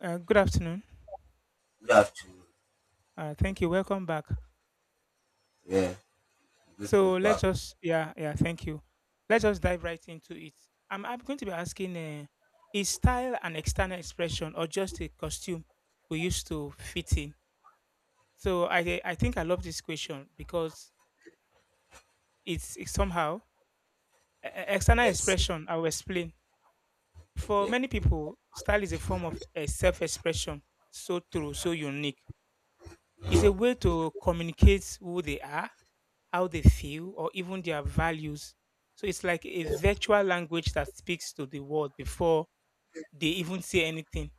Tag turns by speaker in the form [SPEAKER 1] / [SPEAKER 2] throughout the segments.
[SPEAKER 1] Good afternoon.
[SPEAKER 2] You have to.
[SPEAKER 1] Thank you. Welcome back.
[SPEAKER 2] Yeah, you good to be
[SPEAKER 1] So let's
[SPEAKER 2] back.
[SPEAKER 1] just, yeah, yeah, thank you. Let's just dive right into it. I'm going to be asking, is style an external expression or just a costume we used to fit in? So I think I love this question because it's somehow external
[SPEAKER 2] Yes.
[SPEAKER 1] expression. I will explain. For
[SPEAKER 2] Okay.
[SPEAKER 1] many people, style is a form of a self-expression, so true, so unique. It's a way to communicate who they are, how they feel, or even their values. So it's like a
[SPEAKER 2] Yes.
[SPEAKER 1] virtual language that speaks to the world before they even say anything.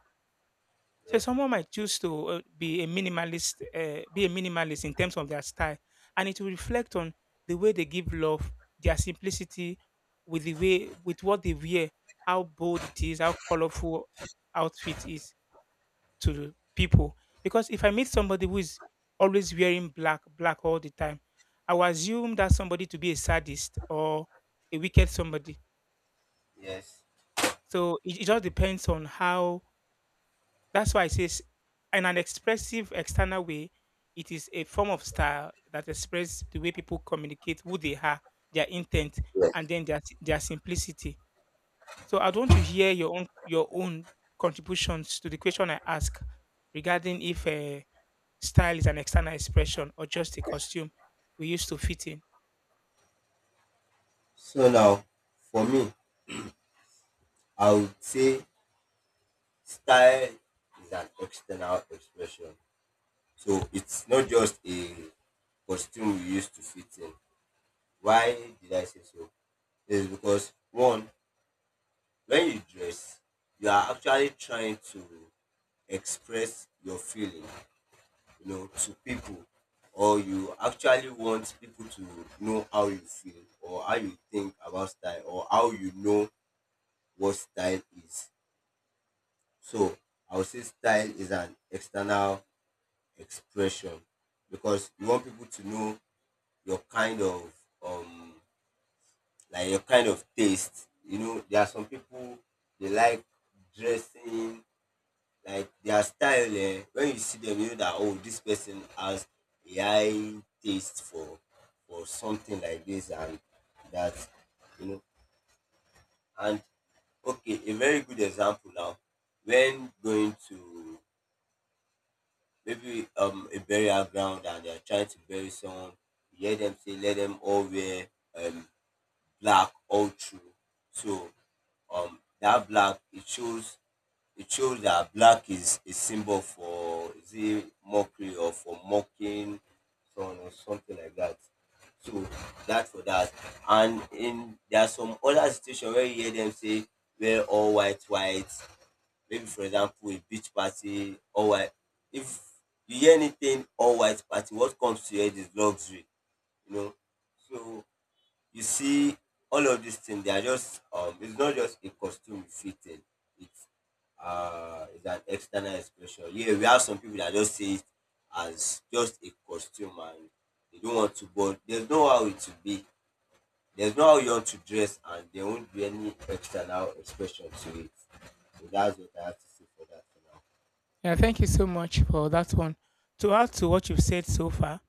[SPEAKER 1] So
[SPEAKER 2] Yeah.
[SPEAKER 1] someone might choose to be a minimalist in terms of their style, and it will reflect on the way they give love, their simplicity, with the way with what they wear, how bold it is, how colorful outfit is to the people, because if I meet somebody who is always wearing black, black all the time, I will assume that somebody to be a sadist or a wicked somebody.
[SPEAKER 2] Yes.
[SPEAKER 1] So it just depends on how. That's why it says, in an expressive external way, it is a form of style that expresses the way people communicate, who they are, their intent,
[SPEAKER 2] Yes.
[SPEAKER 1] and then their simplicity. So I want to hear your own contributions to the question I ask regarding if, style is an external expression or just a costume we used to fit in.
[SPEAKER 2] So now, for me, I would say style is an external expression. So it's not just a costume we used to fit in. Why did I say so? Is because one, when you dress, you are actually trying to express your feeling to people, or you actually want people to know how you feel or how you think about style or how you know what style is. So I would say style is an external expression because you want people to know your kind of um your kind of taste. You know, there are some people, they like dressing like their style, eh? When you see them, you know that, oh, this person has a high taste for something like this, and that you know. And okay, a very good example now: when going to maybe a burial ground and they are trying to bury someone, you hear them say let them all wear um black all through. So that black, it shows that black is a symbol for, is it mockery or for mocking someone or something like that. So that, for that. And in, there are some other situations where you hear them say wear all white, white. Maybe, for example, a beach party, all white. If you hear anything all white party, what comes to your head is luxury, you know. So you see, all of these things, they are just it's not just a costume fitting, it's it's an external expression. Yeah, we have some people that just see it as just a costume, and they don't want to, but there's no how it should be, there's no how you want to dress and there won't be any external expression to it. So that's what I have to say for that for
[SPEAKER 1] Yeah, thank you so much for that one. To add to what you've said so far,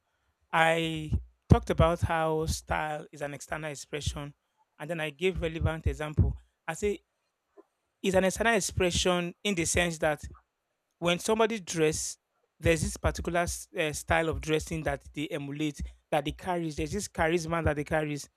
[SPEAKER 1] I talked about how style is an external expression, and then I gave relevant example. I say it's an external expression in the sense that when somebody dress, there's this particular style of dressing that they emulate, that they carries. There's this charisma that they carries,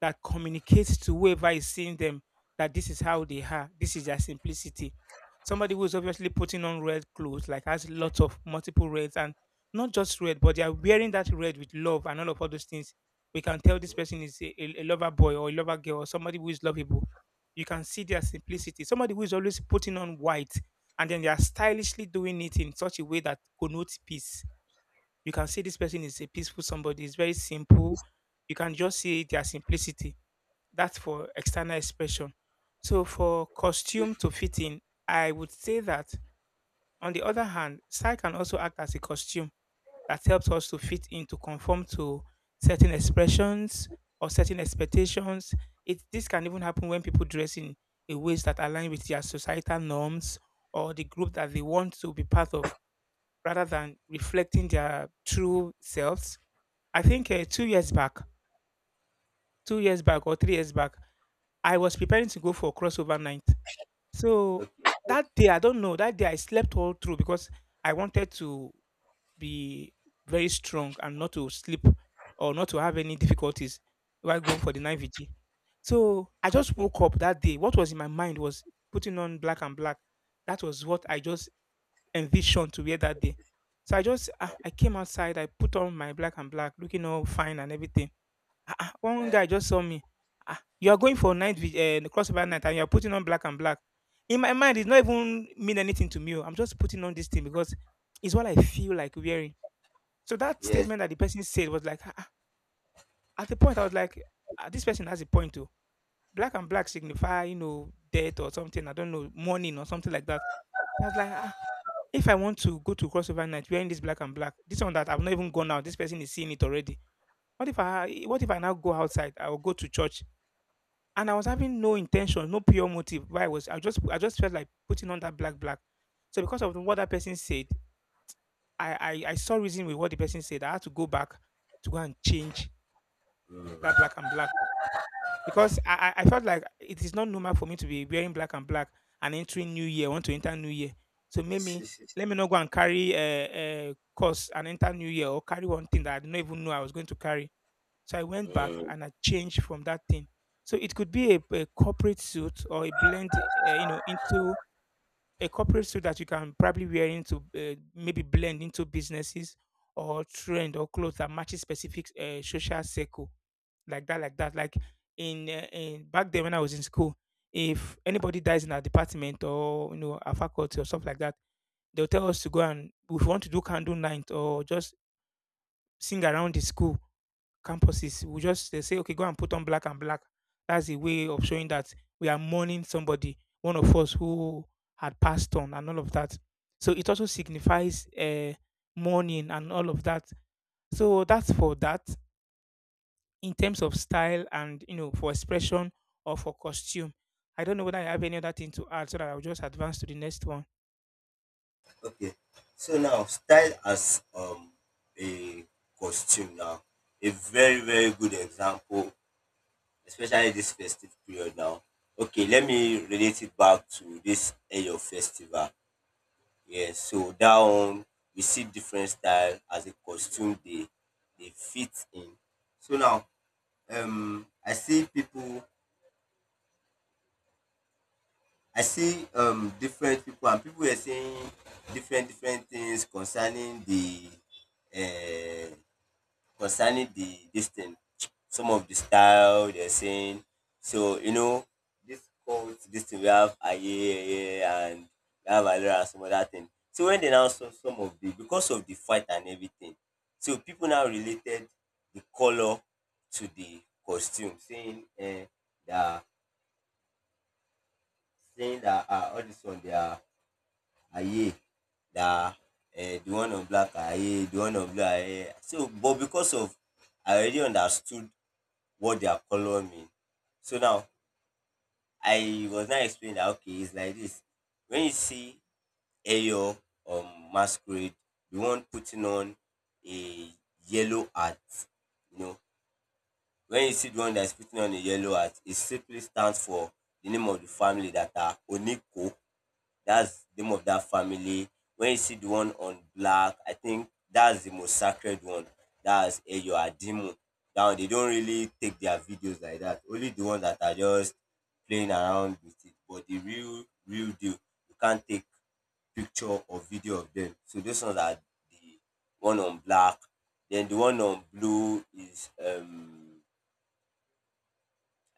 [SPEAKER 1] that communicates to whoever is seeing them, that this is how they are, this is their simplicity. Somebody who is obviously putting on red clothes, like has lots of multiple reds and not just red, but they are wearing that red with love and all those things. We can tell this person is a lover boy or a lover girl or somebody who is lovable. You can see their simplicity. Somebody who is always putting on white and then they are stylishly doing it in such a way that connotes peace. You can see this person is a peaceful somebody, is very simple. You can just see their simplicity. That's for external expression. So for costume to fit in, I would say that, on the other hand, style can also act as a costume that helps us to fit in, to conform to certain expressions or certain expectations. It this can even happen when people dress in a ways that align with their societal norms or the group that they want to be part of, rather than reflecting their true selves. I think, 2 years back, 2 years back or 3 years back, I was preparing to go for crossover night.
[SPEAKER 2] now.
[SPEAKER 1] So
[SPEAKER 2] Mhm. Okay.
[SPEAKER 1] that day, I don't know, that day I slept all through because I wanted to be very strong and not to sleep or not to have any difficulties while going for the nine VG. So I just woke up that day. What was in my mind was putting on black and black. That was what I just envisioned to wear that day. So I just, I came outside, I put on my black and black, looking all fine and everything. One
[SPEAKER 2] uh,
[SPEAKER 1] guy just saw me. You are going for night, the crossover night, and you are putting on black and black. In my mind, it's not even mean anything to me, oh. I'm just putting on this thing because it's what I feel like wearing. So that
[SPEAKER 2] yes.
[SPEAKER 1] statement that the person said was like, ah, ah! At the point I was like, ah, this person has a point too. Black and black signify, you know, death or something. I don't know, mourning or something like that. So I was like, ah, if I want to go to crossover night wearing this black and black, this one that I've not even gone out, this person is seeing it already. What if I now go outside? I will go to church, and I was having no intention, no pure motive. Why I was, I just, I just felt like putting on that black black. So because of what that person said, I, I saw reason with what the person said. I had to go back to go and change that black and black because I felt like it is not normal for me to be wearing black and black and entering New Year. I want to enter New Year, so maybe let me not go and carry a, course and enter New Year, or carry one thing that I did not even know I was going to carry, so I went back and I changed from that thing. So it could be a corporate suit or a blend, you know, into a corporate suit that you can probably wear into, maybe blend into businesses, or trend, or clothes that matches specific social circle, like that, like that. Like, in back then when I was in school, if anybody dies in our department, or you know, our faculty, or stuff like that, they'll tell us to go, and if we want to do candle night or just sing around the school campuses, will just they say, okay, go and put on black and black. That's a way of showing that we are mourning somebody, one of us who had passed on, and all of that. So it also signifies, mourning and all of that. So that's for that in terms of style, and you know, for expression or for costume. I don't know whether I have any other thing to add, so that I'll just advance to the next one.
[SPEAKER 2] Okay. So now, style as a costume now. A very, very good example, especially this festive period now. Okay, let me relate it back to this Eyo festival. Yes, so that one, we see different style as a costume they fit in. So now, um I see people I see different people, and people were saying different different things concerning the uh, this thing, some of the style they're saying. So you know, this cult, this thing we have, aye aye, and we have alora and some other thing. So when they now saw, some of the because of the fight and everything, so people now related the color to the costume, saying they are saying that all this one they are aye, that the one on black are aye, the one on blue are aye. So, but because of I already understood what their color mean. So now I was now explaining that, okay, it's like this. When you see Eyo um masquerade, the one putting on a yellow hat, you know, when you see the one that's putting on a yellow hat, it simply stands for the name of the family that are Oniko. That's the name of that family. When you see the one on black, I think that's the most sacred one. That's Eyo Adimu. Now they don't really take their videos like that. Only the ones that are just playing around with it. But the real, real deal, you can't take picture or video of them. So those ones are the one on black. Then the one on blue is,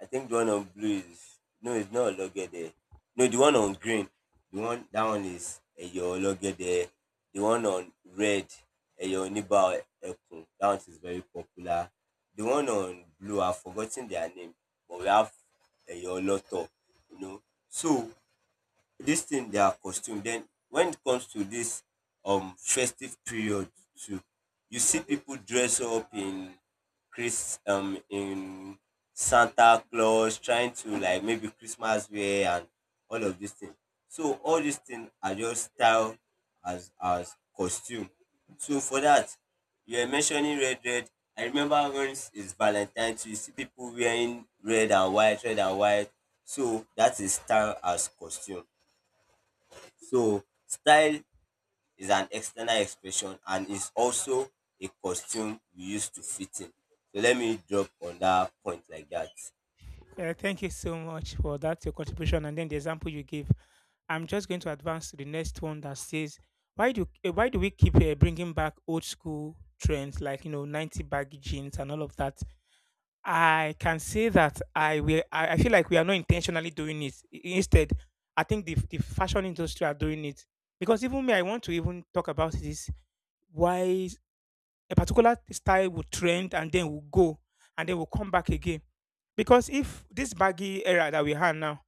[SPEAKER 2] I think the one on blue is, no, it's not Ologede. No, the one on green, the one that one is Eyo Ologede. The one on red, Eyo Oniba Ekun. That one is very popular. The one on blue, I've forgotten their name, but we have Eyo Loto. You know, so this thing, their costume. Then when it comes to this festive period too, you see people dress up in chris in Santa Claus, trying to like maybe Christmas wear and all of these things. So all these things are just style as costume. So for that, you were mentioning red, red. I remember when it's Valentine too, you see people wearing red and white, red and white. So that is style as costume. So style is an external expression and is also a costume we use to fit in. So let me drop on that point like that.
[SPEAKER 1] Yeah, thank you so much for that, your contribution, and then the example you gave. I'm just going to advance to the next one that says, why do we keep, bringing back old school trends like, you know, 90 baggy jeans and all of that? I can say that I will. I feel like we are not intentionally doing it. Instead, I think the fashion industry are doing it, because even me, I want to even talk about this, why a particular style will trend and then will go and then will come back again. Because if this baggy era that we have now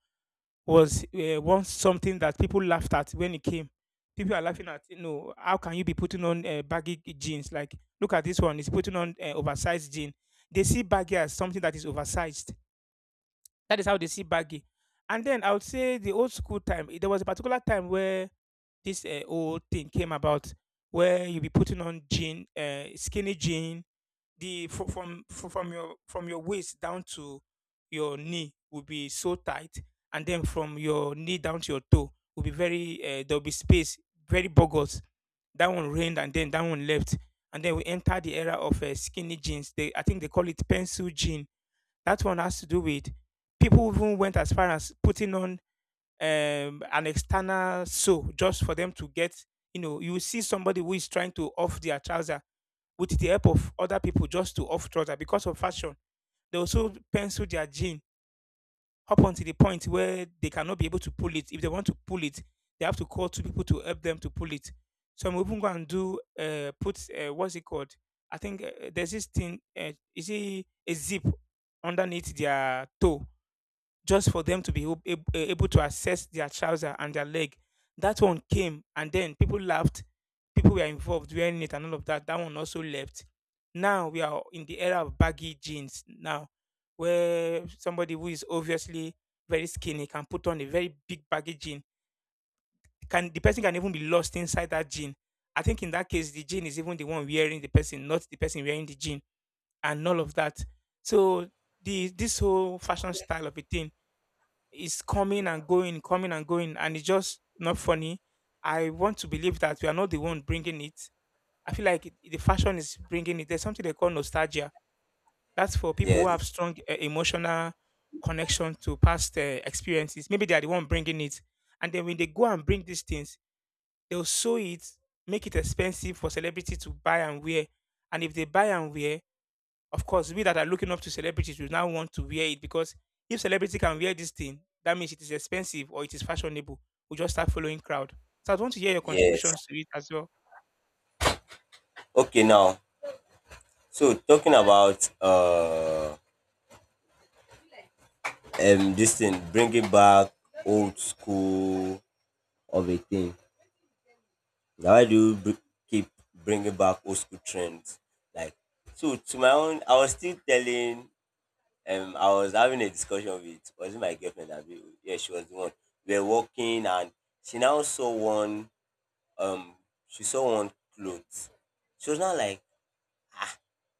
[SPEAKER 1] was, once something that people laughed at when it came. People are laughing at, you know, how can you be putting on, baggy jeans? Like, look at this one, he's putting on, oversized jean. They see baggy as something that is oversized. That is how they see baggy. And then I would say the old school time, there was a particular time where this, old thing came about, where you be putting on jean, skinny jean, the fro- from your waist down to your knee will be so tight, and then from your knee down to your toe will be very, there'll be space, very bogus. That one reigned and then that one left, and then we enter the era of, skinny jeans. They i think they call it pencil jean. That one has to do with people even went as far as putting on, an external sole, just for them to get, you know, you see somebody who is trying to off their trouser with the help of other people, just to off trousers because of fashion. They also pencil their jean up until the point where they cannot be able to pull it. If they want to pull it, they have to call two people to help them to pull it. Some even go and do, put, what's it called? I think, there's this thing. Is it a zip underneath their toe? Just for them to be able to access their trouser and their leg. That one came, and then people laughed. People were involved wearing it and all of that. That one also left. Now we are in the era of baggy jeans now, where somebody who is obviously very skinny can put on a very big baggy jean. Can the person can even be lost inside that jean. I think in that case the jean is even the one wearing the person, not the person wearing the jean, and all of that. So the this whole fashion style of a thing is coming and going, and it's just not funny. I want to believe that we are not the one bringing it. I feel like the fashion is bringing it. There's something they call nostalgia. That's for people who have
[SPEAKER 2] Yes.
[SPEAKER 1] strong emotional connection to past experiences. Maybe they are the one bringing it, and then when they go and bring these things, they'll sew it, make it expensive for celebrity to buy and wear. And if they buy and wear, of course, we that are looking up to celebrities will now want to wear it because if celebrity can wear this thing, that means it is expensive or it is fashionable. We just start following crowd. So I want to hear your
[SPEAKER 2] Yes.
[SPEAKER 1] contributions to it as well.
[SPEAKER 2] Okay now. So talking about this thing, bringing back old school of a thing. Now why do you keep bringing back old school trends? Like, so to my own, I was having a discussion with, was it my girlfriend? Abi? Yeah, she was the one. We were walking, and she now saw one. Um, she saw one clothes. She was now like,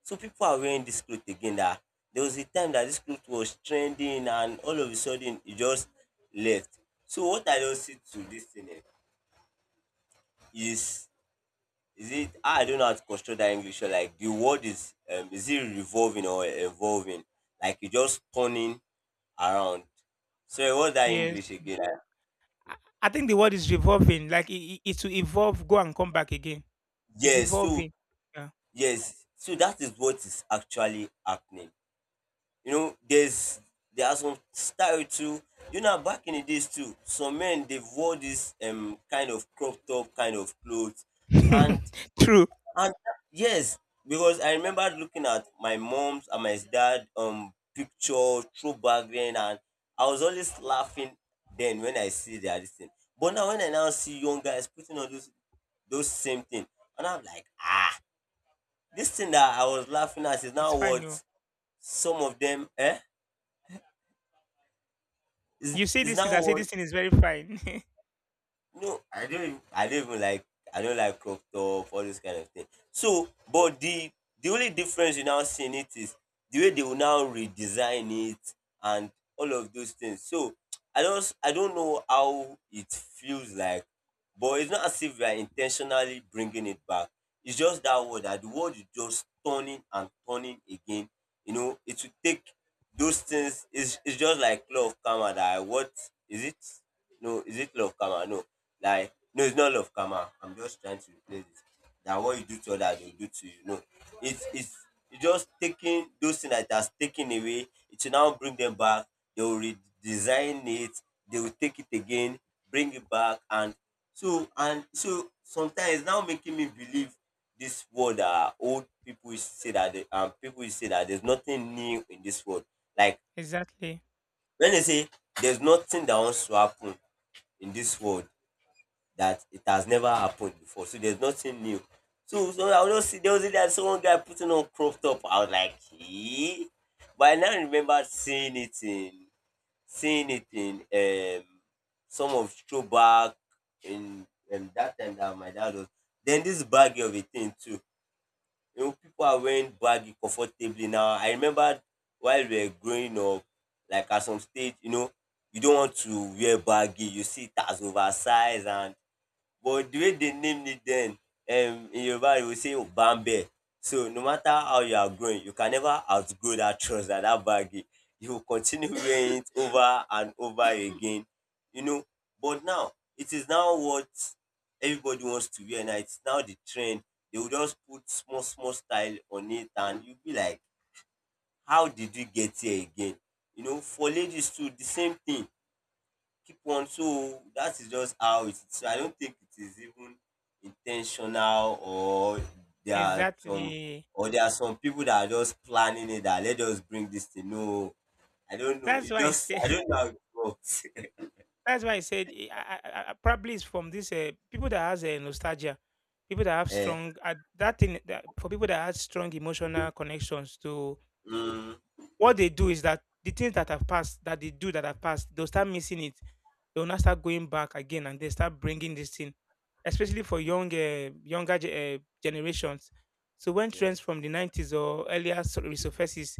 [SPEAKER 2] so people are wearing this cloth again. That there was a time that this cloth was trending, and all of a sudden it just left. So what I just see to this thing, eh, is Is it? I don't know how to construct that English. So like the word is, is it revolving or evolving? Like, you just turning around. So what's that
[SPEAKER 1] Yes,
[SPEAKER 2] English again?
[SPEAKER 1] I, I think the word is revolving. Like it will evolve, go and come back again. It's
[SPEAKER 2] Yes. So
[SPEAKER 1] evolving. Yeah,
[SPEAKER 2] yes. So that is what is actually happening. You know, there are some style too. You know, back in the days too, some men they wore this kind of crop top kind of clothes, and
[SPEAKER 1] true.
[SPEAKER 2] And yes, because I remember looking at my mom's and my dad picture throwback then, and I was always laughing then when I see their this thing. But now, when I now see young guys putting on those same thing, and I'm like, ah, this thing that I was laughing at is
[SPEAKER 1] It's
[SPEAKER 2] now
[SPEAKER 1] fine. No,
[SPEAKER 2] what, some of them, eh,
[SPEAKER 1] you
[SPEAKER 2] is
[SPEAKER 1] see
[SPEAKER 2] is
[SPEAKER 1] this is. I
[SPEAKER 2] now
[SPEAKER 1] say
[SPEAKER 2] what.
[SPEAKER 1] this thing is very fine.
[SPEAKER 2] No, I don't. I don't even like. I don't like crop top, all this kind of thing. So, but the only difference you now seeing it is the way they will now redesign it and all of those things. So, I don't. I don't know how it feels like, but it's not as if we are intentionally bringing it back. It's just that the word is just turning and turning again. You know, it will take those things, is, it's just like law of karma, that I, what is it? No, is it law of karma? No. Like, no, it's not law of karma. I'm just trying to replace it, that what you do to others, they'll do to you. No. It's it's it's just taking those things that has taken away, it will now bring them back, they will redesign it, they will take it again, bring it back, and so sometimes it's now making me believe, this world that old people used to say that people used to say that there's nothing new in this world. Like,
[SPEAKER 1] exactly.
[SPEAKER 2] wen dey say there's nothing dat wants to happen in dis world dat it has never happened before, so there's nothing new. So I will just see, there was a day I saw one guy putting on crop top, I was like, eh? But I now remembered seeing it in, seeing it in um some of throwback in dat time dat my dad was. Then dis baggy of a thing too. You know, people are wearing baggy comfortably now. I remember while we were growing up, like at some stage, you don't want to wear baggy. You see it as oversized, and But the way they named it then, in Yoruba, you will say Obambe. So no matter how you are growing, you can never outgrow that trouser, that baggy. You will continue wearing it over and over again, you know. But now, it is now what everybody wants to wear. Now it's now the trend. They will just put small, small style on it, and you'll be like, how did we get here again? You know, for ladies too, the same thing. Keep on, so that is just how it is. So I don't think it is even intentional or there are some,
[SPEAKER 1] Exactly.
[SPEAKER 2] or there are some people that are just planning it that let us bring this thing. No, I don't know,
[SPEAKER 1] That's
[SPEAKER 2] it
[SPEAKER 1] why I
[SPEAKER 2] just, I
[SPEAKER 1] say
[SPEAKER 2] don't know how it works.
[SPEAKER 1] That's why I said probably it's from this people that has a nostalgia, people that have
[SPEAKER 2] Eh.
[SPEAKER 1] strong for people that have strong emotional connections to
[SPEAKER 2] mm,
[SPEAKER 1] what they do is that the things that have passed that they do that have passed they'll start missing it. They'll now start going back again and they start bringing this thing, especially for
[SPEAKER 2] mm,
[SPEAKER 1] younger generations. So when trends
[SPEAKER 2] yes,
[SPEAKER 1] from the 90s or earlier resurfaces,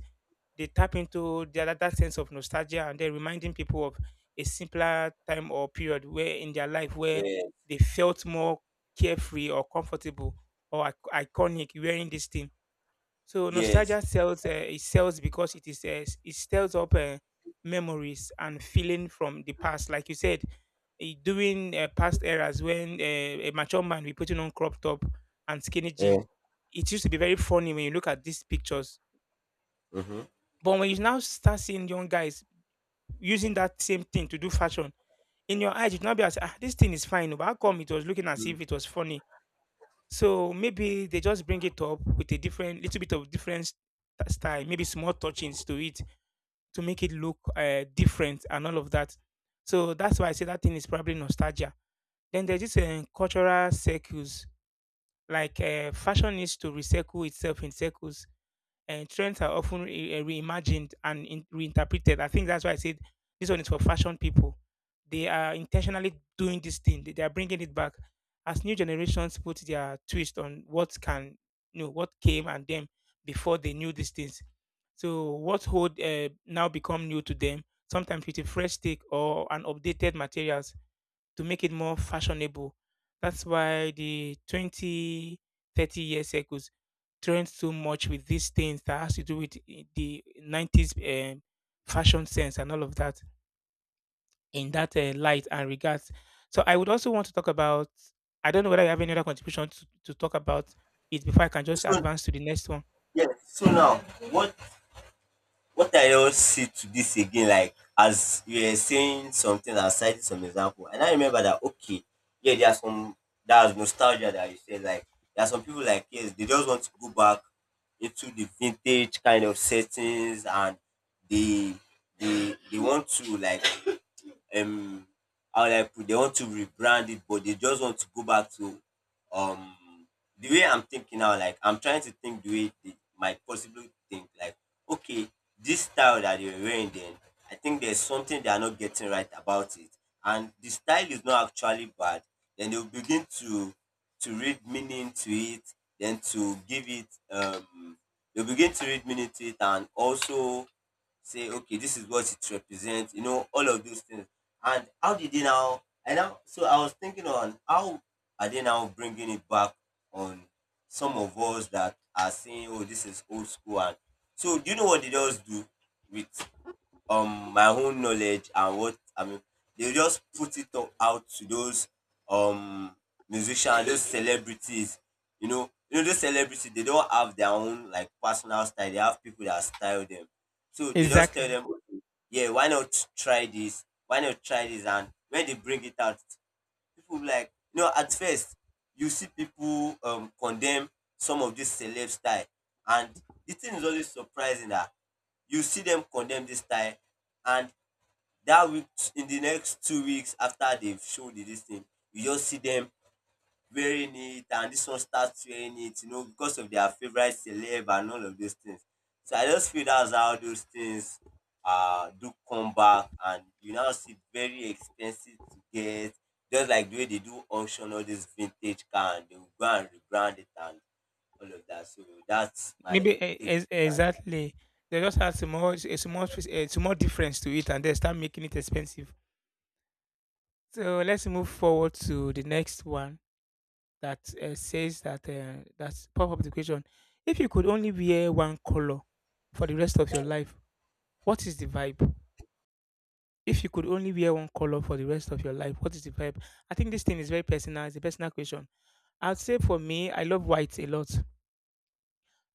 [SPEAKER 1] they tap into the other that sense of nostalgia and they're reminding people of a simpler time or period where in their life where
[SPEAKER 2] yes,
[SPEAKER 1] they felt more carefree or comfortable or iconic wearing this thing. So
[SPEAKER 2] yes,
[SPEAKER 1] nostalgia sells. It sells because it it stirs up memories and feeling from the past. Like you said, eh, during past eras when a mature man be putting on crop top and skinny jean,
[SPEAKER 2] eh,
[SPEAKER 1] it used to be very funny when you look at these pictures.
[SPEAKER 2] mhm.
[SPEAKER 1] But when you now start seeing young guys using that same thing to do fashion, in your eyes, it would not be as ah, this thing is fine. Oh, but how come it was looking as if it was funny? So maybe they just bring it up with a different, little bit of different style, maybe small touchings to it to make it look different and all of that. So that's why I say that thing is probably nostalgia. Then there's this cultural circles, like fashion needs to recycle itself in circles and trends are often reimagined and reinterpreted. I think that's why I said this one is for fashion people. They are intentionally doing this thing. They are bringing it back as new generations put their twist on what can you know what came and them before they knew these things. So what hold now become new to them? Sometimes with a fresh take or an updated materials to make it more fashionable. That's why the 20, 30 years echoes trend so much with these things that has to do with the 90s um, fashion sense and all of that in that light and regards. So I would also want to talk about, I don't know whether you have any other contribution to talk about it before I can just
[SPEAKER 2] So
[SPEAKER 1] advance to the next one.
[SPEAKER 2] yes, so now what what I don't see to this again, like as you were saying something and citing some example, and I remember that okay, yeah, there are some, there's nostalgia that you said, like there are some people like yes, they just want to go back into the vintage kind of settings, and they, they want to like, um how will I put, they want to rebrand it, but they just want to go back to, um the way I'm thinking now, like I'm trying to think the way they might possibly think, like, okay, this style that they are wearing then, I think there's something they are not getting right about it. And the style is not actually bad. Then they'll begin to read meaning to it, then to give it, they'll begin to read meaning to it, and also say okay, this is what it represents, you know, all of those things. And how did they now? And now, so I was thinking on how are they now bringing it back on some of us that are saying, oh, this is old school. And so do you know what they just do with, my own knowledge and what I mean. They just put it o- out to those, um musicians, those celebrities. You know, those celebrities, they don't have their own like personal style. They have people that style them. So they just tell
[SPEAKER 1] Exactly.
[SPEAKER 2] them, okay, yeah, why not try this? Why not try this? And when they bring it out, people be like, you know, at first you see people condemn some of this celeb style. And the thing is always surprising that you see dem condemn dis style, and dat week, in the next 2 weeks after they've shown the dis thing, you just see dem wearing it, and dis one start wearing it, you know, because of their favorite celeb and all of those things. So I just feel that's how those things do come back, and you now see very expensive to get, just like the way they do auction all dis vintage car, and they will go and rebrand it, and all of dat. So that's my
[SPEAKER 1] Maybe e-
[SPEAKER 2] take.
[SPEAKER 1] exactly. They just add some more, a small difference to it, and they start making it expensive. So let's move forward to the next one that says that that's pop up the question. If you could only wear one color for the rest of your life, what is the vibe? If you could only wear one color for the rest of your life, what is the vibe? I think this thing is very personal. It's a personal question. I'd say for me, I love white a lot.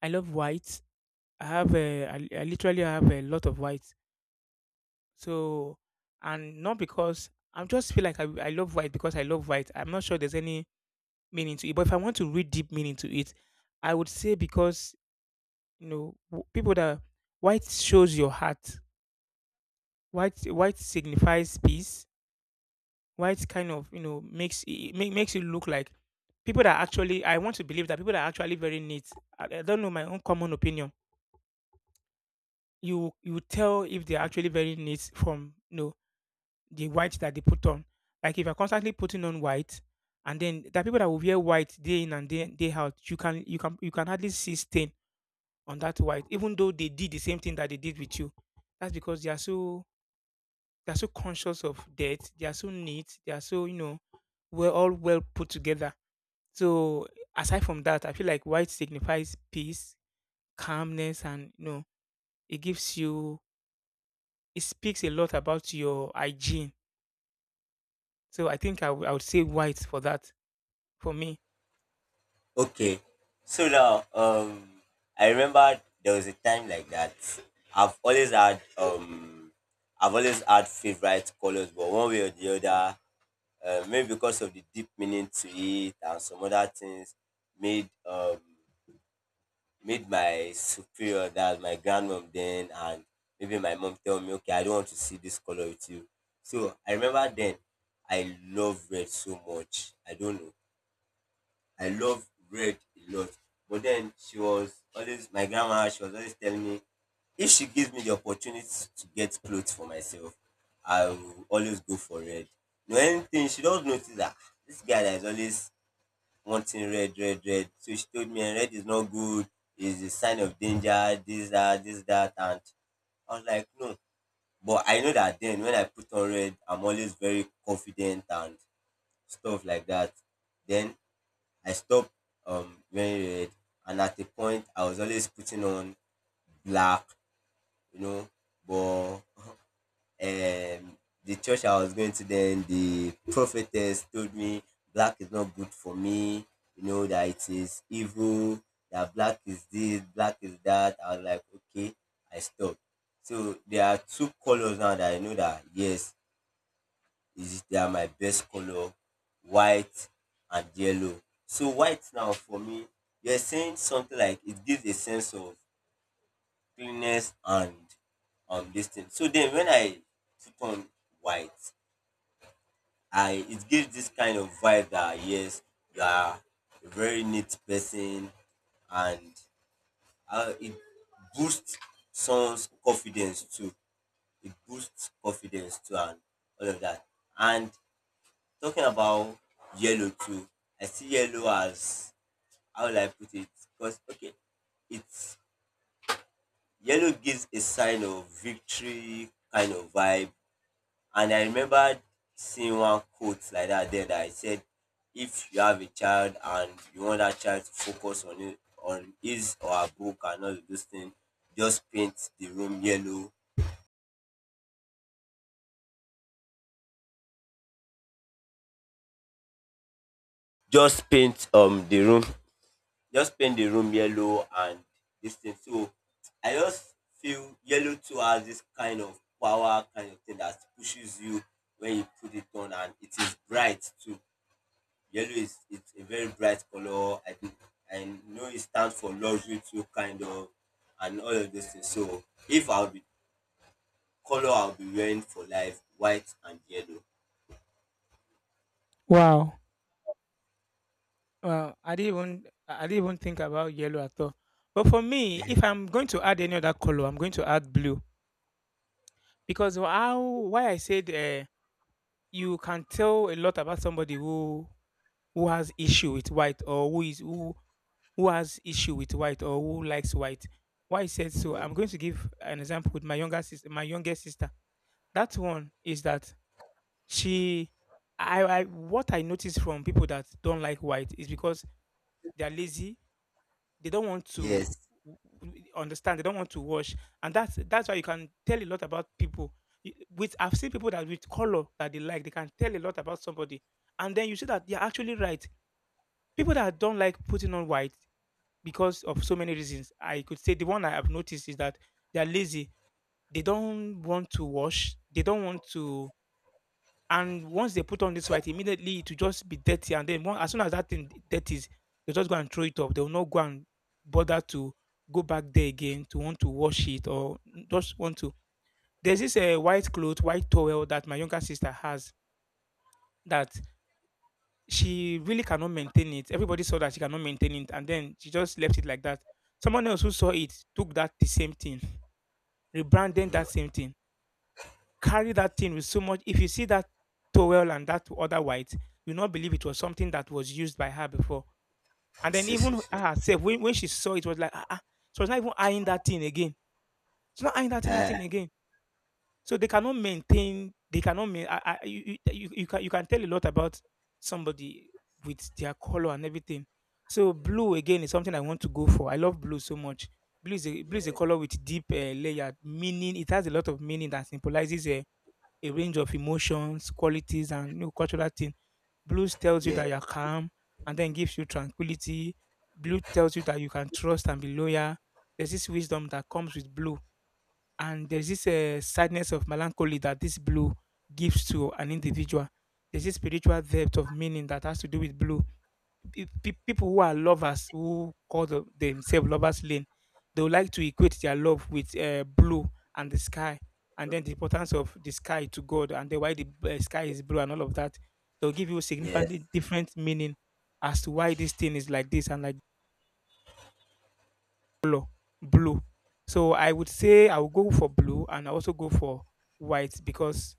[SPEAKER 1] I love white. I have I literally have a lot of white. So, and not because I'm just feel like I love white because I love white. I'm not sure there's any meaning to it. But if I want to read deep meaning to it, I would say because you know people that white shows your heart. White signifies peace. White kind of you know makes it makes you look like people that actually. I want to believe that people that are actually very neat, I don't know my own common opinion. You tell if they're actually very neat from you know, the white that they put on. Like if you're constantly putting on white, and then there are people that will wear white day in and day out, you can hardly see stain on that white, even though they did the same thing that they did with you. That's because they are so conscious of death. They are so neat. They are so you know we're all well put together. So aside from that, I feel like white signifies peace, calmness and you know it gives you it speaks a lot about your hygiene. So I would say white for that for me.
[SPEAKER 2] Okay. So now, I remember there was a time like that. I've always had, I've always had favorite colors, but one way or the other, maybe because of the deep meaning to it and some other things, made, made my superior, that was my grandmom then, and maybe my mom tell me, okay, I don't want to see this color with you. So I remember then, I love red so much. I don't know. I love red a lot. But then she was always, my grandma, she was always telling me, if she gives me the opportunity to get clothes for myself, I will always go for red. No anything, she does notice that, "Ah, this guy that is always wanting red, red, red." So she told me red is not good, it's a sign of danger, this, that, this, that. And I was like, no. But I know that then when I put on red, I'm always very confident and stuff like that. Then I stopped wearing red, and at a point I was always putting on black, you know. But um, the church I was going to then, the prophetess told me black is not good for me, you know, that it is evil, that black is this, black is that. I was like, okay, I stopped. So there are two colors now that I know that yes, is they are my best color, white and yellow. So white now for me, you're saying something like it gives a sense of cleanness and this thing. So then when I put on white, I, it gives this kind of vibe that yes, you are a very neat person, and it boosts someone's confidence too. It boosts confidence too and all of that. And talking about yellow too, I see yellow as, how will I put it? Because okay, it's, yellow gives a sign of victory kind of vibe. And I remember seeing one quote like that there that I said, if you have a child and you want that child to focus on it, on his or her book and all of those things, just paint the room yellow. Just paint the room, just paint the room yellow and this thing. So I just feel yellow too has this kind of power kind of thing that pushes you when you put it on, and it is bright too. Yellow is, it's a very bright color. I think I know it stands for luxury too kind of, and all of those things. So if I'll be color I'll be wearing for life, white and yellow.
[SPEAKER 1] Wow, well I didn't even think about yellow at all, but for me if I'm going to add any other color I'm going to add blue because how why I said you can tell a lot about somebody who has issue with white or who is who has issue with white or who likes white. Why I said so,
[SPEAKER 2] You.
[SPEAKER 1] I'm going to give an example with my younger sister. My younger sister. That one is that she, I, what I notice from people that don't like white is because they are lazy. They don't want to
[SPEAKER 2] Yes.
[SPEAKER 1] understand. They don't want to wash, and that's why you can tell a lot about people. With I've seen people that with color that they like, they can tell a lot about somebody, and then you see that they're actually right. People that don't like putting on white, because of so many reasons. I could say the one I have noticed is that they are lazy. They don't want to wash. They don't want to. And once they put on this white, immediately it will just be dirty. And then one, as soon as that thing dirties, they just go and throw it up. They will not go and bother to go back there again to want to wash it or just want to. There's this white cloth, white towel that my younger sister has that she really cannot maintain it. Everybody saw that she cannot maintain it, and then she just left it like that. Someone else who saw it took that the same thing, rebranded that same thing, carried that thing with so much. If you see that towel and that other white, you not believe it was something that was used by her before. And then even her herself, when she saw it, was like, ah, ah. She was not even eyeing that thing again. She's not eyeing that
[SPEAKER 2] Ah,
[SPEAKER 1] thing again. So they cannot maintain. They cannot. Main, I, you can tell a lot about somebody with their color and everything. So blue again is something I want to go for. I love blue so much. Blue is blue is a
[SPEAKER 2] yeah,
[SPEAKER 1] color with deep layer meaning. It has a lot of meaning that symbolizes a range of emotions, qualities, and you know, cultural thing. Blues tells you
[SPEAKER 2] yeah,
[SPEAKER 1] that you're calm, and then gives you tranquility. Blue tells you that you can trust and be loyal. There's this wisdom that comes with blue and there's this sadness of melancholy that this blue gives to an individual. There's this spiritual depth of meaning that has to do with blue. People who are lovers, who call themselves lovers lane, they would like to equate their love with blue and the sky, and then the importance of the sky to God, and then why the sky is blue and all of that. They'll give you
[SPEAKER 2] yes, yes,
[SPEAKER 1] significantly different meaning as to why this thing is like this and like color, blue. So I would say I will go for blue and I also go for white because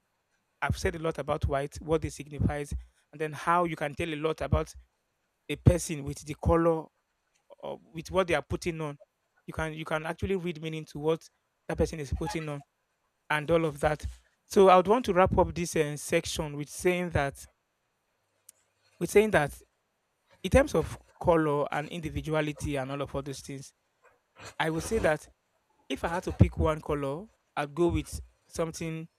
[SPEAKER 1] I've said a lot about white, what it signifies, and then how you can tell a lot about a person with the color or with what they are putting on. You can actually read meaning to what that person is putting on and all of that. So I would want to wrap up this section with saying that with saying that in terms of color and individuality and all of all those things, I would say that if I had to pick one color, I'd go with something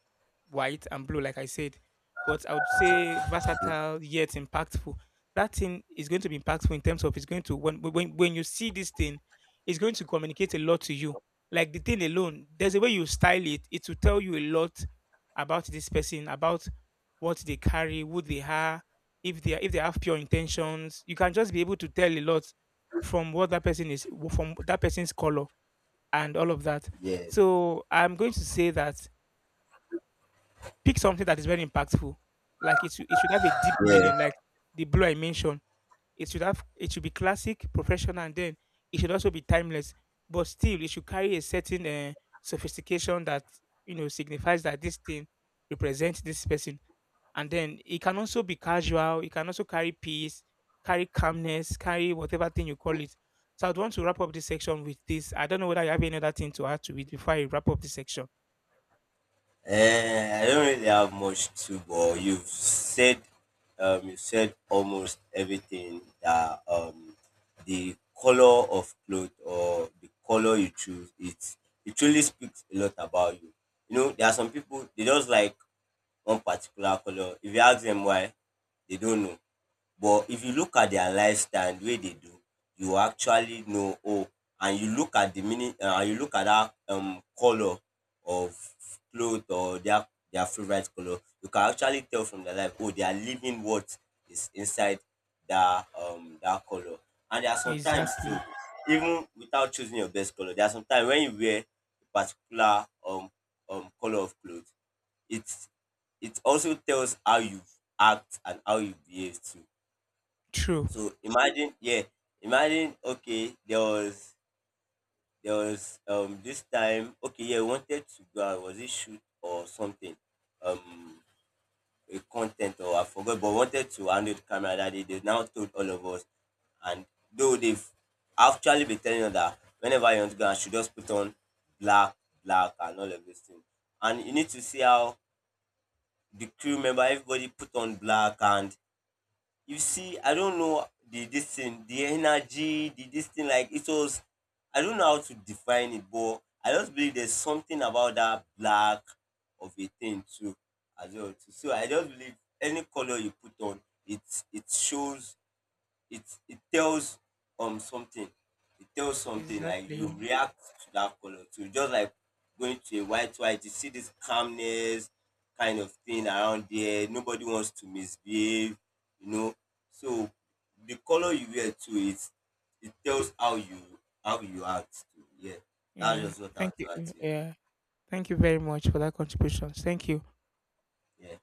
[SPEAKER 1] white and blue, like I said. But I would say versatile yet impactful. That thing is going to be impactful in terms of it's going to when you see this thing, it's going to communicate a lot to you. Like the thing alone, there's a way you style it. It will tell you a lot about this person, about what they carry, who they are, if they have pure intentions. You can just be able to tell a lot from what that person is, from that person's color and all of that.
[SPEAKER 2] yes.
[SPEAKER 1] So I'm going to say that pick something that is very impactful. Like it should have a deep
[SPEAKER 2] Yeah.
[SPEAKER 1] meaning, like the blue I mentioned. It should be classic, professional, and then it should also be timeless. But still, it should carry a certain sophistication that you know signifies that this thing represents this person. And then it can also be casual. It can also carry peace, carry calmness, carry whatever thing you call it. So I'd want to wrap up this section with this. I don't know whether you have any other thing to add to it before I wrap up this section.
[SPEAKER 2] Uh, I don't really have much to, but you've said, you said almost everything that, the color of cloth or the color you choose, it truly speaks a lot about you. You know, there are some people, they just like one particular color. If you ask them why, they don't know. But if you look at their lifestyle, and the way they do, you will actually know, oh, and you look at the meaning, and you look at that color of cloth or their favorite color, you can actually tell from their life, oh, they are living what is inside that that color. And there are sometimes too,
[SPEAKER 1] Exactly.
[SPEAKER 2] even without choosing your best color, there are sometimes when you wear a particular color of clothes, it's, it also tells how you act and how you behave too.
[SPEAKER 1] True.
[SPEAKER 2] So imagine, yeah, imagine. Okay, there was, there was this time. Okay, yeah, I wanted to go out, was it shoot or something? Um, a content or I forgot, but wanted to handle the camera that day. They now told all of us, and though they've actually been telling us that whenever you want to go, I should just put on black, black, and all of this thing. And you need to see how the crew member, everybody put on black. And you see, I don't know, the, this thing, the energy, the, this thing, like it was, I don't know how to define it, but I just believe there's something about that black of a thing too, as well too. So I just believe any color you put on, it shows, it it tells something. It tells something, like you
[SPEAKER 1] Exactly.
[SPEAKER 2] react to that color too, just like going to a white, white, you see this calmness kind of thing around there, nobody wants to misbehave, you know. So the color you wear too, it tells how you, how you act too, yeah. That's
[SPEAKER 1] Yeah.
[SPEAKER 2] just what I
[SPEAKER 1] Thank you.
[SPEAKER 2] would add to it.
[SPEAKER 1] Yeah. Thank you very much for that contribution. Thank you.
[SPEAKER 2] Yeah.